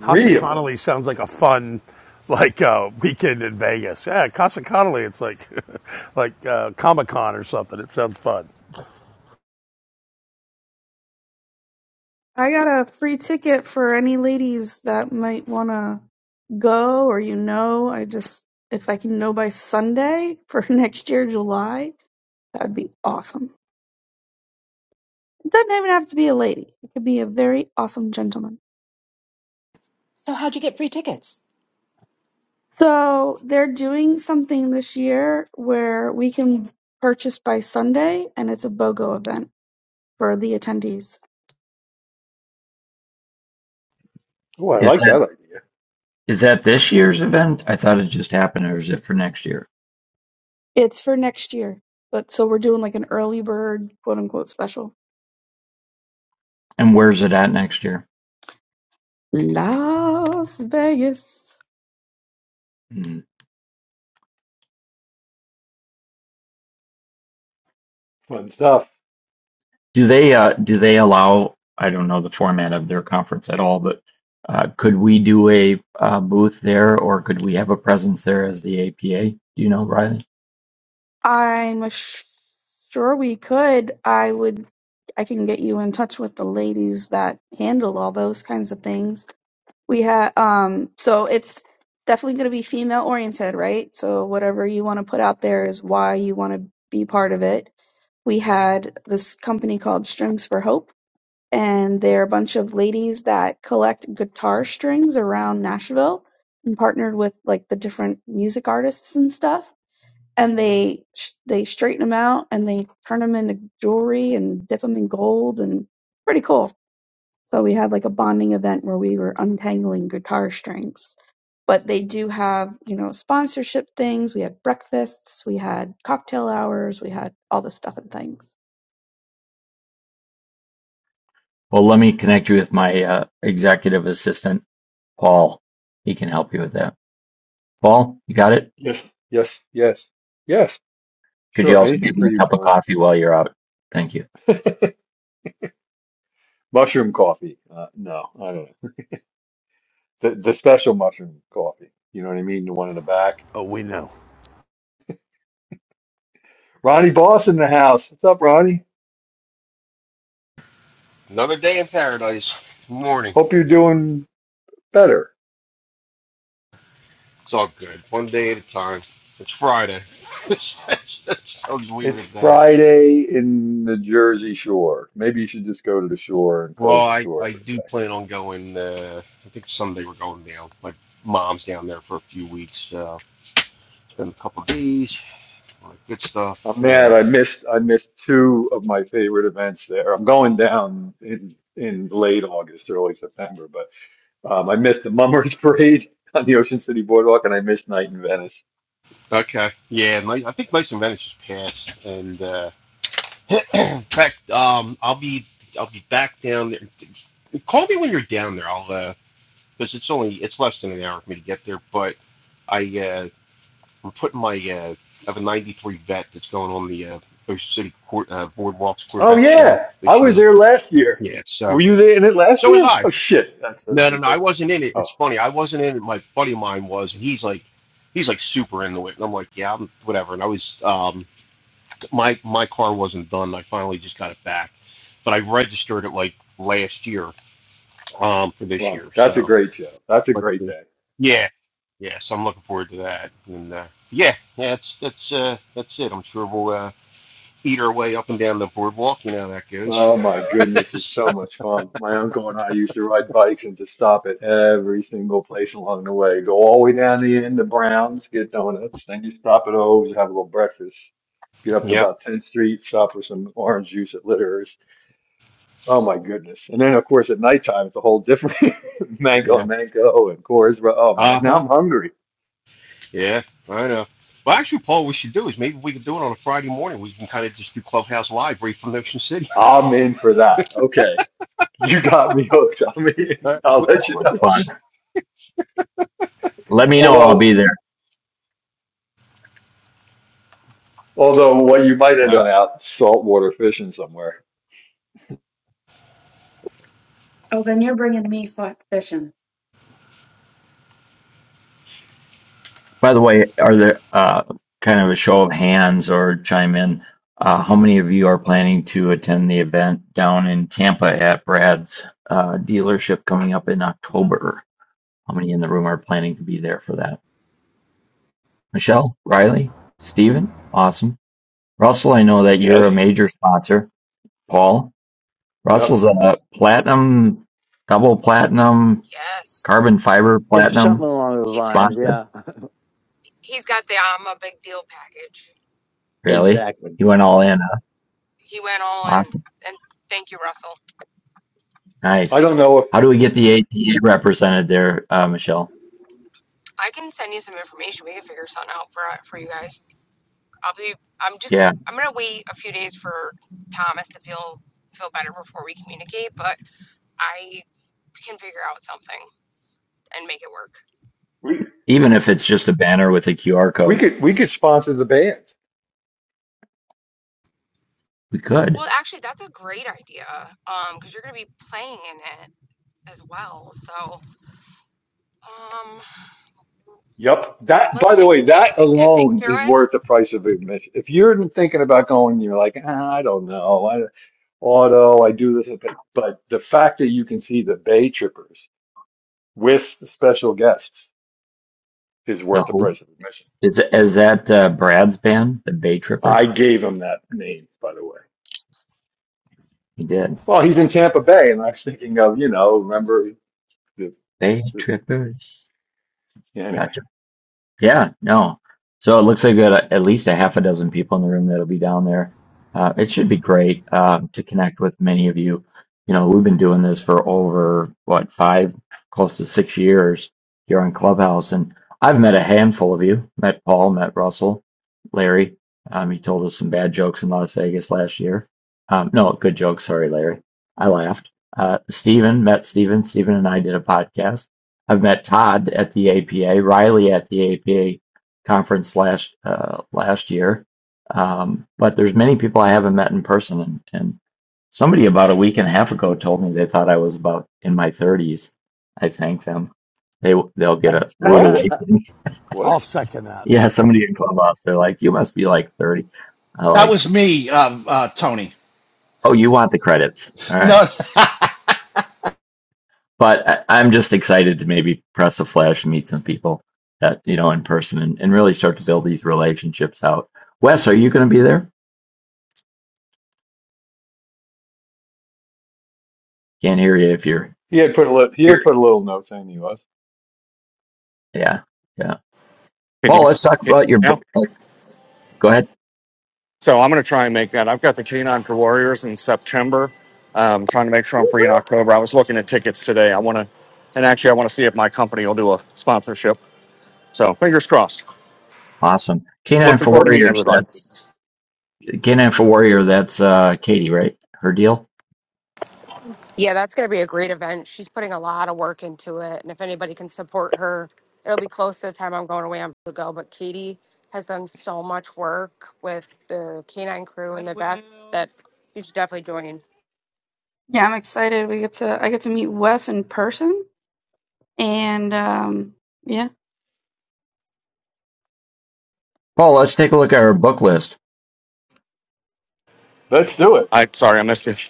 Casa
of them.
Connolly sounds like a fun, like uh, weekend in Vegas. Yeah, Casa Connolly. It's like, [LAUGHS] like uh, Comic Con or something. It sounds fun.
I got a free ticket for any ladies that might want to go or you know. I just, if I can know by Sunday for [LAUGHS] next year, July, that would be awesome. It doesn't even have to be a lady, it could be a very awesome gentleman.
So how'd you get free tickets?
So they're doing something this year where we can purchase by Sunday and it's a BOGO event for the attendees.
Oh, I
Is
like
that
that idea.
is that this year's event? I thought it just happened, or is it for next year?
It's for next year. But so we're doing like an early bird, quote unquote, special.
And where's it at next year?
Las Vegas.
Mm.
Fun stuff.
Do they uh, do they allow? I don't know the format of their conference at all, but uh, could we do a uh, booth there, or could we have a presence there as the APA? Do you know, Riley?
I'm sh- sure we could. I would, I can get you in touch with the ladies that handle all those kinds of things. We have, um, so it's definitely going to be female oriented, right? So whatever you want to put out there is why you want to be part of it. We had this company called Strings for Hope, and they're a bunch of ladies that collect guitar strings around Nashville and partnered with like the different music artists and stuff and they they straighten them out and they turn them into jewelry and dip them in gold and pretty cool. So we had like a bonding event where we were untangling guitar strings. But they do have, you know, sponsorship things. We had breakfasts, we had cocktail hours, we had all this stuff and things.
Well, let me connect you with my uh, executive assistant, Paul. He can help you with that. Paul, you got it.
Yes, yes, yes, yes.
Could you
Sure,
also
anything
give me
for
a
you,
cup of
Tony.
coffee while you're out? Thank you.
[LAUGHS] Mushroom coffee. Uh, no, I don't know. The, the special mushroom coffee. You know what I mean? The one in the back.
Oh, we know.
Ronnie Boss in the house. What's up, Ronnie?
Another day in paradise. Morning.
Hope you're doing better.
It's all good. One day at a time. It's Friday. [LAUGHS] I'll just leave it
It's
at that.
Friday in the Jersey Shore. Maybe you should just go to the shore and close
Well,
the
I,
store
I
for the
do
day.
plan on going. Uh, I think Sunday we're going down. My mom's down there for a few weeks. Uh, spend a couple of days. All that good stuff.
I'm mad.
Yeah.
I missed. I missed two of my favorite events there. I'm going down in in late August, early September, but um, I missed the Mummers [LAUGHS] Parade on the Ocean City Boardwalk, and I missed Night in Venice.
Okay. Yeah. My, I think Mason Venice just passed. And uh, [CLEARS THROAT] in fact, um, I'll be I'll be back down there. Call me when you're down there. I'll uh, because it's only it's less than an hour for me to get there. But I uh, I'm putting my uh, I have a '93 Vet that's going on the uh, Ocean City Court, uh, Boardwalks
Oh
Corvette show
yeah, I
this
was
year.
there last year.
Yeah, so
Were you there in it last
so was
year?
I.
Oh shit, that's so
No, no, no,
stupid.
I wasn't in it.
Oh,
It's funny, I wasn't in it. My buddy of mine was, and he's like, he's like super into it, and I'm like, yeah, I'm, whatever. And I was, um, my my car wasn't done. I finally just got it back, but I registered it like last year, um, for this
Fun.
year.
That's a
So
great show. That's a
But
great
uh,
thing.
yeah, yeah. So I'm looking forward to that. And uh, yeah, yeah. That's that's uh, that's it. I'm sure we'll uh, eat our way up and down the boardwalk. You know how that goes.
Oh
[LAUGHS]
my goodness, it's so
So,
much fun. My uncle and I used to ride bikes and just stop at every single place along the way. Go all the way down the end to Brown's, get donuts, then you stop at O's, have a little breakfast. Get up to
yep.
about 10th Street, stop for some orange juice at Litter's. Oh my goodness. And then, of course, at nighttime, it's a whole different [LAUGHS] mango and
Yeah.
mango and Coors. Ro- Oh my,
Uh
now
huh.
I'm hungry.
Yeah. I know. Well, actually, Paul, what we should do is maybe we could do it on a Friday morning. We can kind of just do Clubhouse Live right from Ocean City.
I'm in for that. Okay. You got me hooked. [LAUGHS] I'm
[LAUGHS] All
in. I'll
right.
Sounds
let you
like
know.
[LAUGHS]
fun. Let me know. I'll
Although,
be there.
Although what you might end up
That's,
out saltwater fishing somewhere.
Oh, then you're bringing me fu- fishing.
By the way, are there uh, kind of a show of hands or chime in? Uh, how many of you are planning to attend the event down in Tampa at Brad's uh, dealership coming up in October? How many in the room are planning to be there for that? Michelle, Riley, Steven? Awesome. Russell, I know that you're a
Yes.
major sponsor. Paul,
Yep.
Russell's a platinum, double platinum,
Yes.
carbon fiber
It's something
platinum
along those
He's good.
lines.
sponsor.
Yeah,
He's got the I'm a big deal package.
[LAUGHS]
Really?
exactly.
He went all in. Huh?
He went all in.
Awesome.
And thank you, Russell.
I
Nice.
don't know if
How do we get the APA represented there, uh, Michelle?
I can send you some information. We can figure something out for uh, for you guys. I'll be. I'm just.
Yeah,
I'm gonna wait a few days for Thomas to feel feel better before we communicate. But I can figure out something and make it work.
we
even if it's just a banner with a QR
we
code,
could we could sponsor the band.
we could.
Well, actually, that's a great idea. Um, because you're gonna be playing in it as well. So, um,
Yep. That
let's
by the
take
way,
the day and
that
think and think
alone
through
is worth the price of admission. If you're thinking about going, you're like, ah, I don't know, I, auto, I do this, but but the fact that you can see the Bay Trippers with special guests is
The
worth the
whole
price of admission.
is is that uh, Brad's band, the Bay
I
Trippers?
gave him that name, by the way.
He did.
Well, he's in Tampa Bay, and I was thinking of you know, remember the
Bay Trippers.
Yeah, anyway.
gotcha. Yeah, no. So it looks like we got a, at least a half a dozen people in the room that'll be down there. Uh, it should be great um, to connect with many of you. You know, we've been doing this for over, what, five, close to six years here on Clubhouse. And I've met a handful of you, met Paul, met Russell, Larry. Um, he told us some bad jokes in Las Vegas last year. Um, no, good jokes. Sorry, Larry. I laughed. Uh, Steven, met Steven. Steven and I did a podcast. I've met Todd at the APA, Riley at the APA conference last uh, last year. Um, but there's many people I haven't met in person, and, and somebody about a week and a half ago told me they thought I was about in my 30s. I thank them. They they'll get a rude
[LAUGHS]
What?
awakening. [LAUGHS]
What?
I'll second that.
Yeah, somebody in clubhouse, they're like, "You must be like 30." I
That
like,
was me, um, uh, Tony.
"Oh, you want the credits? All right."
No,
but I, I'm just excited to maybe press a flash and meet some people that you know in person and, and really start to build these relationships out. Wes, are you going to be there? Can't hear you if you're
He had put a little, he had
here.
put a little note saying he was.
Yeah, yeah.
Can you,
Paul,
can
let's talk
you hear
about
me
your
now?
book. Oh, go ahead.
So I'm going to try and make that. I've got the K9 for Warriors in September. Um, trying to make sure I'm free in October. I was looking at tickets today. I want to, and actually, I want to see if my company will do a sponsorship. So fingers crossed.
Awesome. Canine
Looking
for
forward to meeting
Warriors.
everybody.
That's Canine for Warrior. That's uh, Katie, right? Her deal.
Yeah, that's going to be a great event. She's putting a lot of work into it. And if anybody can support her, it'll be close to the time I'm going away on to go. But Katie has done so much work with the canine crew and the vets that you should definitely join.
Yeah, I'm excited. We get to I get to meet Wes in person, and um, yeah,
Paul, let's take a look at our book list.
Let's do it.
I sorry I missed you.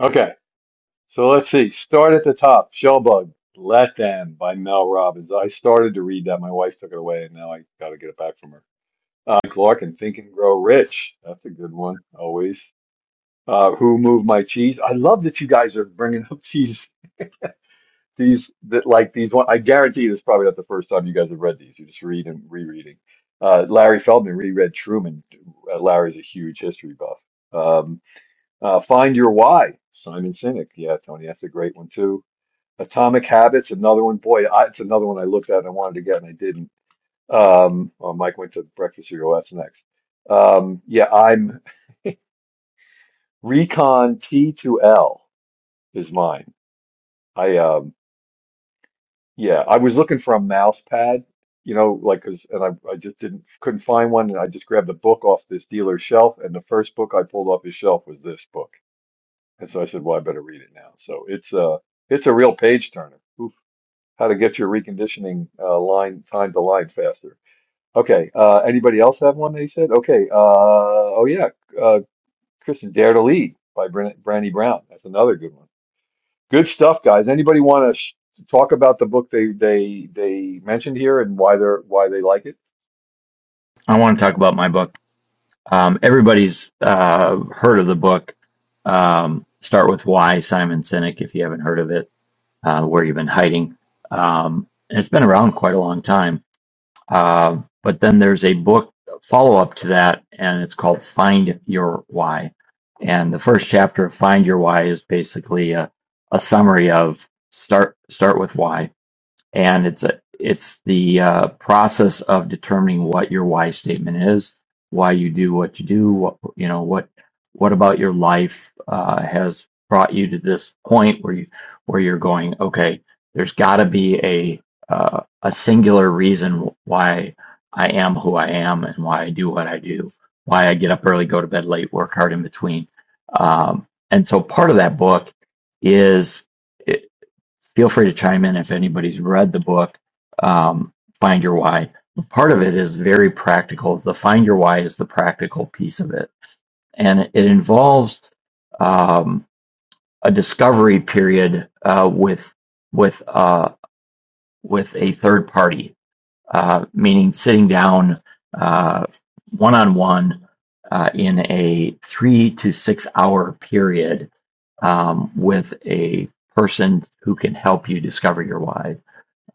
Okay. So let's see. Start at the top. Shellbug. Let Them by Mel Robbins. I started to read that. My wife took it away and now I got to get it back from her. Uh, Clark and Think and Grow Rich. That's a good one. Always. Uh, Who Moved My Cheese. I love that you guys are bringing up [LAUGHS] cheese these that like these one I guarantee this is probably not the first time you guys have read these. You just read and rereading. Uh, Larry Feldman reread Truman. Uh, Larry's a huge history buff. Um, uh, Find Your Why, Simon Sinek. Yeah, Tony, that's a great one too. Atomic Habits, another one. Boy, I, it's another one I looked at and I wanted to get and I didn't. Um, well, Mike went to breakfast cereal. Well, That's next. Um, yeah, I'm Recon T2L is mine. I um Yeah, I was looking for a mouse pad, you know, like 'cause and I I just didn't couldn't find one and I just grabbed a book off this dealer's shelf and the first book I pulled off his shelf was this book. And so I said, "Well, I better read it now." So it's a it's a real page turner. Oof. How to get your reconditioning uh, line time to line faster. Okay, uh anybody else have one they said? Okay, uh oh yeah, uh Christian Dare to Lead by Bren Brandy Brown. That's another good one. Good stuff, guys. Anybody want to sh- talk about the book they they they mentioned here and why they're why they like it?
I want to talk about my book. Um, everybody's uh, heard of the book. Um, Start with Why, Simon Sinek, if you haven't heard of it uh, where you've been hiding. Um, and it's been around quite a long time. Uh, but then there's a book follow up to that, and it's called Find Your Why. And the first chapter of Find Your Why is basically a, a summary of start start with why and it's a, it's the uh, process of determining what your why statement is, why you do what you do, what you know, what what about your life uh, has brought you to this point where you where you're going. Okay, there's got to be a uh, a singular reason why I am who I am and why I do what I do, why I get up early, go to bed late, work hard in between. Um, and so part of that book is feel free to chime in if anybody's read the book, um, Find Your Why. Part of it is very practical. The Find Your Why is the practical piece of it. And it involves um, a discovery period uh, with, with, uh, with a third party, uh, meaning sitting down one on one in a three to six hour period um, with a person who can help you discover your why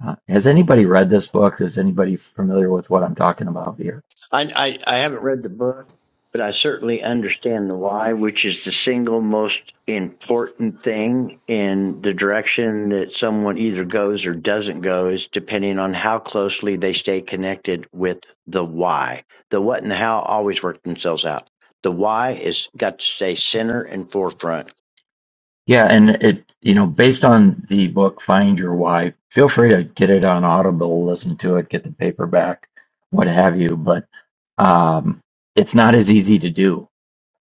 uh, has anybody read this book? Is anybody familiar with what I'm talking about here?
I, I I haven't read the book, but I certainly understand the why, which is the single most important thing in the direction that someone either goes or doesn't go is depending on how closely they stay connected with the why. The what and the how always work themselves out. The why is got to stay center and forefront.
Yeah, and it, you know, based on the book Find Your Why, feel free to get it on Audible, listen to it, get the paperback, what have you. But um, it's not as easy to do.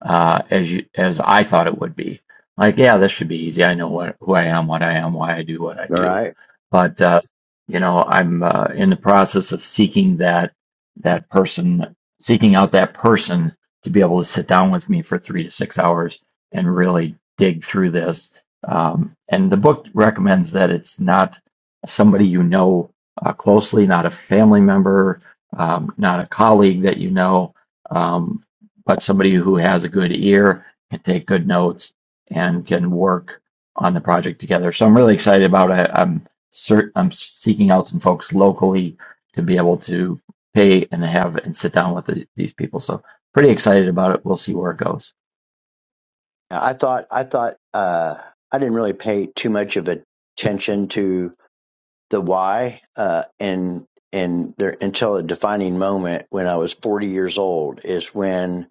uh, as you, as I thought it would be. Like, yeah, this should be easy. I know what who I am, what I am, why I do what I
All
do.
right.
But uh, you know, I'm uh, in the process of seeking that that person, seeking out that person to be able to sit down with me for three to six hours and really dig through this. Um, and the book recommends that it's not somebody you know uh, closely, not a family member, um, not a colleague that you know. Um, but somebody who has a good ear can take good notes and can work on the project together. So I'm really excited about it. I'm cert- I'm seeking out some folks locally to be able to pay and have and sit down with the, these people. So pretty excited about it. We'll see where it goes.
I thought I thought uh, I didn't really pay too much of attention to. the why uh, and and there until a defining moment when I was 40 years old is when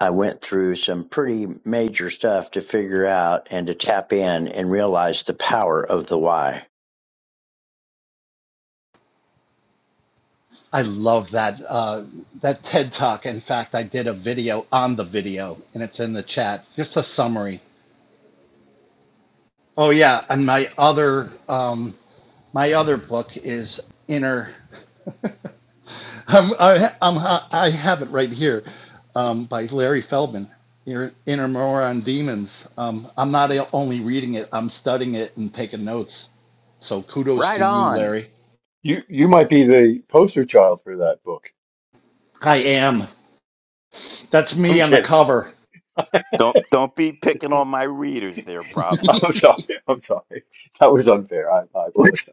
I went through some pretty major stuff to figure out and to tap in and realize the power of the why.
[LAUGHS] I love that uh, that TED Talk. In fact, I did a video on the video, and it's in the chat. Just a summary. Oh yeah, and my other um, my other book is Inner. I'm, I, I'm, I have it right here um, by Larry Feldman, Inner Inner Moron Demons. Um, I'm not only reading it, I'm studying it and taking notes. So kudos
Right
to you,
on.
Larry.
You you might be the poster child for that book.
I am. That's
I'm
me on the
kidding.
cover.
Don't don't be picking on my readers there,
[LAUGHS]
Brobson.
I'm
[LAUGHS]
sorry. I'm sorry. That was unfair. I, I
Which
apologize.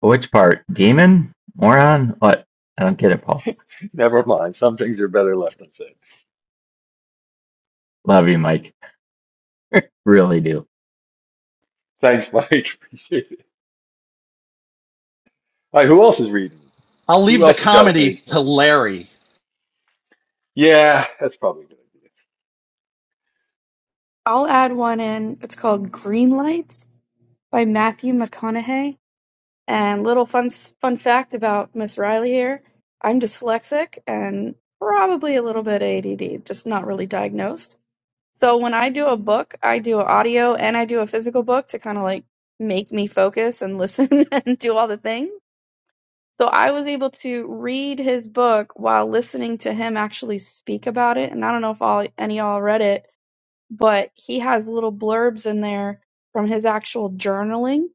which part? Demon? Moron? What? I don't get it, Paul.
[LAUGHS] Never mind. Some things are better left unsaid.
Love you, Mike. Really do.
Thanks, Mike. [LAUGHS] Appreciate it. All right. Who else is reading?
I'll
Who
leave the
else has got a
comedy
page
to
turn?
Larry.
Yeah, that's probably a good idea.
I'll add one in. It's called Green Lights by Matthew McConaughey. And little fun fun fact about Miss Riley here: I'm dyslexic and probably a little bit ADD, just not really diagnosed. So when I do a book, I do an audio and I do a physical book to kind of like make me focus and listen [LAUGHS] and do all the things So I was able to read his book while listening to him actually speak about it. And I don't know if all any of y'all read it, but he has little blurbs in there from his actual journaling.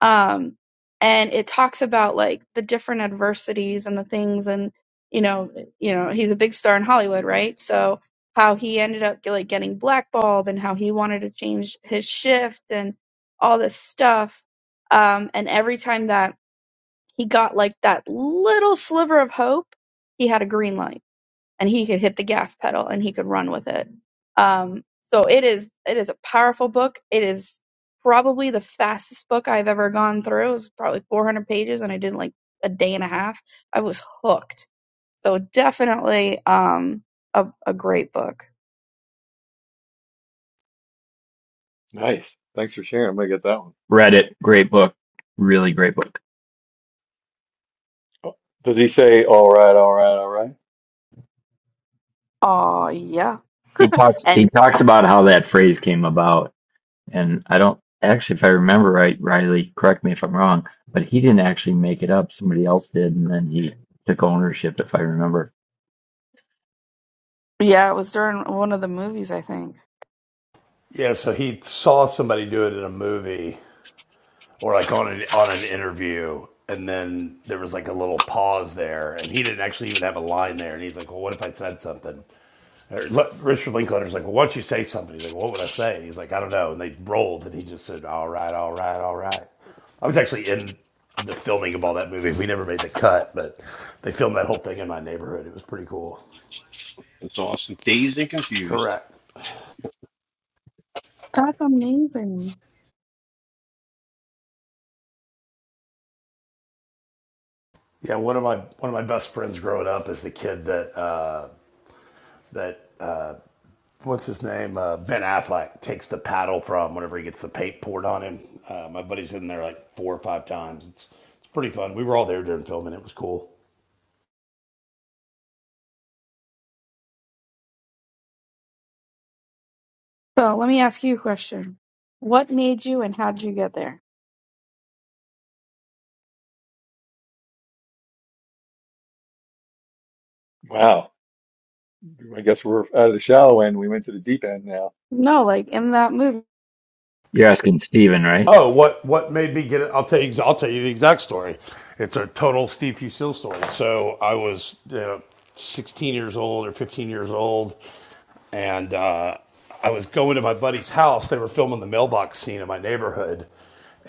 Um, and it talks about like the different adversities and the things and you know, you know, he's a big star in Hollywood, right? So how he ended up like getting blackballed and how he wanted to change his shift and all this stuff. Um, and every time that he got like that little sliver of hope, he had a green light and he could hit the gas pedal and he could run with it. Um, so it is it is a powerful book. It is probably the fastest book I've ever gone through. It was probably 400 pages and I did like a day and a half. I was hooked. So definitely um, a, a great book.
Nice. Thanks for sharing. I'm gonna get that one.
Read it. Great book. Really great book.
Oh, Does he say all right, all right, all right?
Oh yeah,
He talks
and
he talks about how that phrase came about And I don't actually, if I remember right, Riley, correct me if I'm wrong, but he didn't actually make it up. Somebody else did, and then he took ownership, if I remember.
yeah, it was during one of the movies I think.
Yeah. So he saw somebody do it in a movie or like on an on an interview, and then there was like a little pause there, and he didn't actually even have a line there, and he's like, "Well, what if I said something?" Richard Linklater's like, well, why don't you say something? He's like, what would I say? And he's like, I don't know. And they rolled, and he just said, all right, all right, all right. I was actually in the filming of all that movie. We never made the cut, but they filmed that whole thing in my neighborhood. It was pretty cool.
that's awesome. Dazed and confused.
Correct.
That's amazing.
Yeah, one of my one of my best friends growing up is the kid that uh, that uh, what's his name uh, Ben Affleck takes the paddle from whenever he gets the paint poured on him. Uh, my buddy's in there like four or five times. It's it's pretty fun. We were all there during filming. It was cool.
So let me ask you a question. What made you and how did you get there?
Wow. I guess we're out of the shallow end. We went to the deep end now.
No, like in that movie.
You're asking Steven, right?
Oh, what what made me get it? I'll tell you. I'll tell you the exact story. It's a total Steve Fusil story. So I was you know, 16 years old or 15 years old, and uh, I was going to my buddy's house. They were filming the mailbox scene in my neighborhood,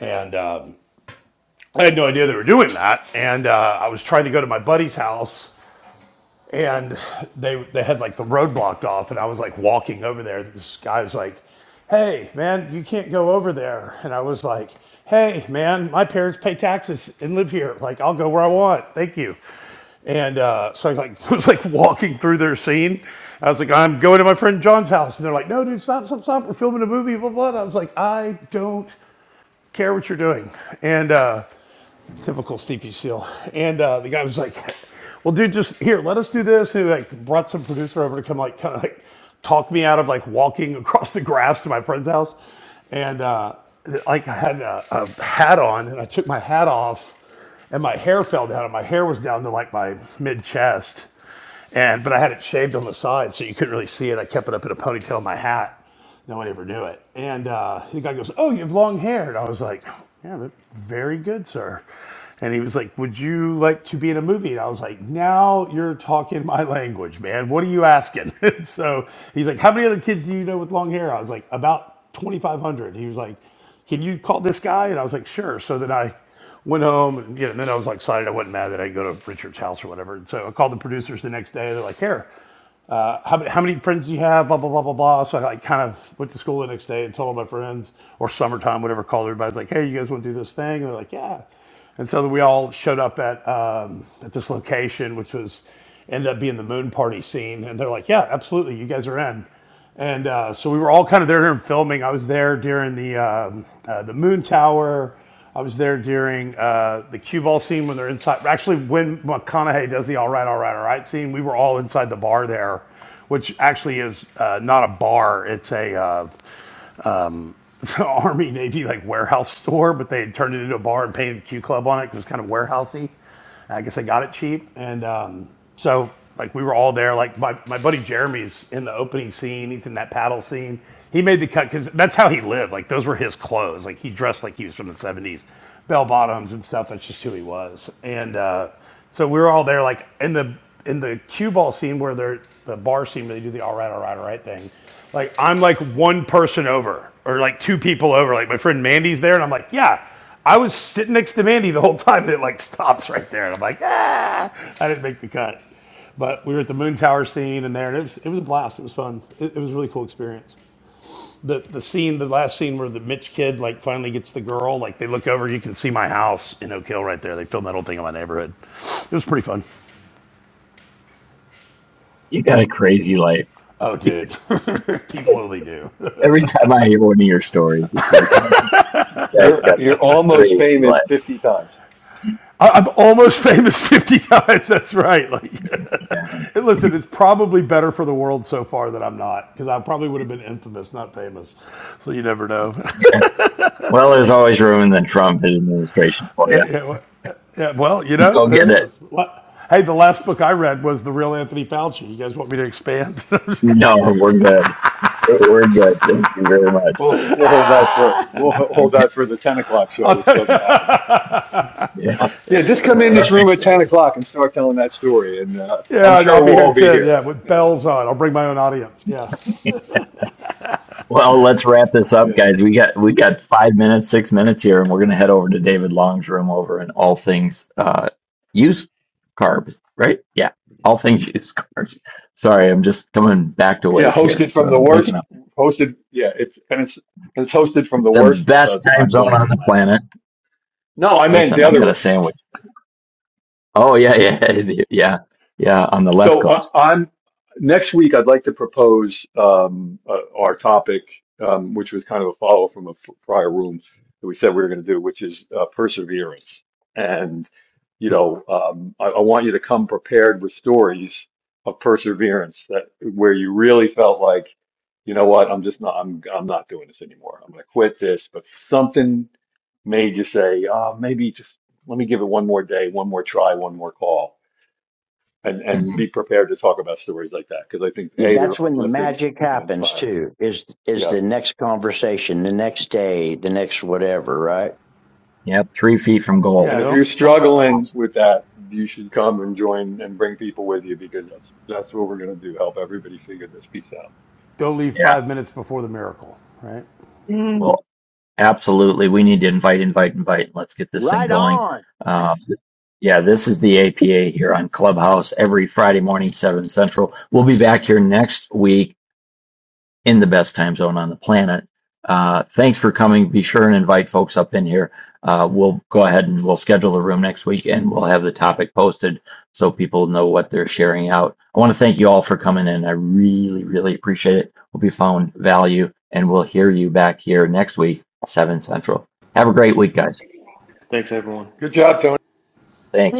and um, I had no idea they were doing that. And uh, I was trying to go to my buddy's house and they they had like the road blocked off and i was like walking over there this guy's like hey man you can't go over there and i was like hey man my parents pay taxes and live here like i'll go where i want thank you and uh, so i like [LAUGHS] was like walking through their scene i was like i'm going to my friend john's house and they're like no dude stop stop stop we're filming a movie blah blah, blah. i was like i don't care what you're doing and uh, Typical Stevie Seal. And uh, the guy was like, "Well, dude, just here. Let us do this." And he like brought some producer over to come like kind of like talk me out of like walking [LAUGHS] across the grass to my friend's house. And uh, like I had a, a hat on, and I took my hat off, and my hair fell down, and my hair was down to like my mid chest. And but I had it shaved on the side, so you couldn't really see it. I kept it up in a ponytail in my hat. No one ever knew it. And uh, the guy goes, "Oh, you have long hair." And I was like, "Yeah, but very good, sir." And he was like, "Would you like to be in a movie?" And I was like, "Now you're talking my language, man. What are you asking?" [LAUGHS] And so he's like, "How many other kids do you know with long hair?" I was like, "About 2,500." He was like, "Can you call this guy?" And I was like, "Sure." So then I went home and, you know, and then I was like excited. I wasn't mad that I go to Richard's house or whatever. And so I called the producers the next day. They're like, here, uh, how, many- how many friends do you have? Blah blah blah blah blah. So I like kind of went to school the next day and told all my friends or summertime, whatever. Called everybody's like, hey, you guys want to do this thing? And they're like, yeah. And so we all showed up at um, at this location, which was ended up being the moon party scene. And they're like, yeah, absolutely, you guys are in. And uh, so we were all kind of there and filming. I was there during the um uh, the Moon Tower. I was there during uh, the cue ball scene when they're inside. Actually, when McConaughey does the "All right, all right, all right" scene, we were all inside the bar there, which actually is uh, not a bar. It's a uh, um, [LAUGHS] Army Navy like warehouse store, but they had turned it into a bar and painted Q Club on it because it was kind of warehousey. I guess I got it cheap. And um, so, like, we were all there. Like, my, my buddy Jeremy's in the opening scene. He's in that paddle scene. He made the cut because that's how he lived. Like, those were his clothes. Like, he dressed like he was from the 70s, bell bottoms and stuff. That's just who he was. And uh, so we were all there, like, in the in the cue ball scene where they're the bar scene where they do the all right, all right, all right thing. Like, I'm like one person over or like two people over. Like, my friend Mandy's there, and I'm like, yeah I was sitting next to Mandy the whole time, and it like stops right there, and I'm like, ah, I didn't make the cut. But we were at the Moon Tower scene, and there, and it was it was a blast. It was fun. It, it was a really cool experience. The the scene, the last scene where the Mitch kid like finally gets the girl, like they look over, you can see my house in Oak Hill right there. They filmed that whole thing in my neighborhood. It was pretty fun.
You got a crazy life. [LAUGHS]
Oh,
Steven,
dude, [LAUGHS] people
like,
only do.
every time I hear one of your stories, it's like, man, this guy's
You're
got a
you're almost
crazy
famous
life.
50 times.
I, I'm almost famous [LAUGHS] 50 times. That's right. Like,
Yeah.
And listen, it's probably better for the world so far that I'm not, because I probably would have been infamous, not famous. So you never know. [LAUGHS]
Yeah. Well, there's always room in the Trump administration for you.
Yeah, well, yeah, well, you
[LAUGHS]
know,
Go
there
get it.
is. Hey, the last book I read was The Real Anthony Fauci. You guys want me to expand? [LAUGHS]
No, we're good. We're good. Thank you very much.
We'll we'll hold that for we'll ho-
[LAUGHS]
hold
Yeah.
that for the 10 o'clock show,
I'll
which
tell you.
doesn't happen.
yeah.
Yeah, just come in
All right.
this room
That's
at 10
funny.
o'clock and start telling that story, and uh,
Yeah,
I'm
I'll
sure
be
we'll
here
all
at
be
10,
here.
yeah, with bells on. I'll bring my own audience. Yeah.
Well, let's wrap this up,
Yeah,
guys. We got we got five minutes, six minutes here, and we're gonna head over to David Long's room over in all things uh used carbs, right? Yeah, all things used carbs. Sorry, I'm just coming back to
yeah,
wake here,
hosted from
uh,
the
waking
worst
up.
hosted. Yeah, it's and it's it's hosted from the
The
worst uh,
best time
time zone
zone
on the
on the
planet.
planet.
No, I meant
Listen,
the
I
other
got
room.
a sandwich. Oh yeah, yeah, [LAUGHS] yeah, yeah. On the left
So uh,
coast.
I'm next week. I'd like to propose um, uh, our topic, um, which was kind of a follow from a f- prior room that we said we were going to do, which is uh, perseverance. And you know, um, I, I want you to come prepared with stories of perseverance that where you really felt like, you know what, I'm just not. I'm I'm not doing this anymore. I'm going to quit this. But something made you say, oh, maybe just let me give it one more day, one more try, one more call and and
Mhm.
be prepared to talk about stories like that because I think
Yeah,
a they're
that's when the
uplifting
magic
and
happens
inspiring.
too. Is is
Yeah,
the next conversation, the next day, the next whatever, right?
Yep, three feet from
Yeah,
and
gold.
if you're
don't don't
struggling
Awesome.
with that, you should come and join and bring people with you because that's that's what we're gonna do. Help everybody figure this piece out.
don't leave
Yeah.
five minutes before the miracle, right?
Well,
Mm.
absolutely. We need to invite, invite, invite. Let's get this thing
Right
going.
on.
Um, Yeah, this is the APA here on Clubhouse every Friday morning, 7 Central. We'll be back here next week in the best time zone on the planet. Uh, thanks for coming. Be sure and invite folks up in here. Uh, we'll go ahead and we'll schedule the room next week and we'll have the topic posted so people know what they're sharing out. I want to thank you all for coming in. I really, really appreciate it. Hope you found value and we'll hear you back here next week, 7 Central. Have a great week, guys.
Thanks, everyone.
Good job, Tony.
Thank you.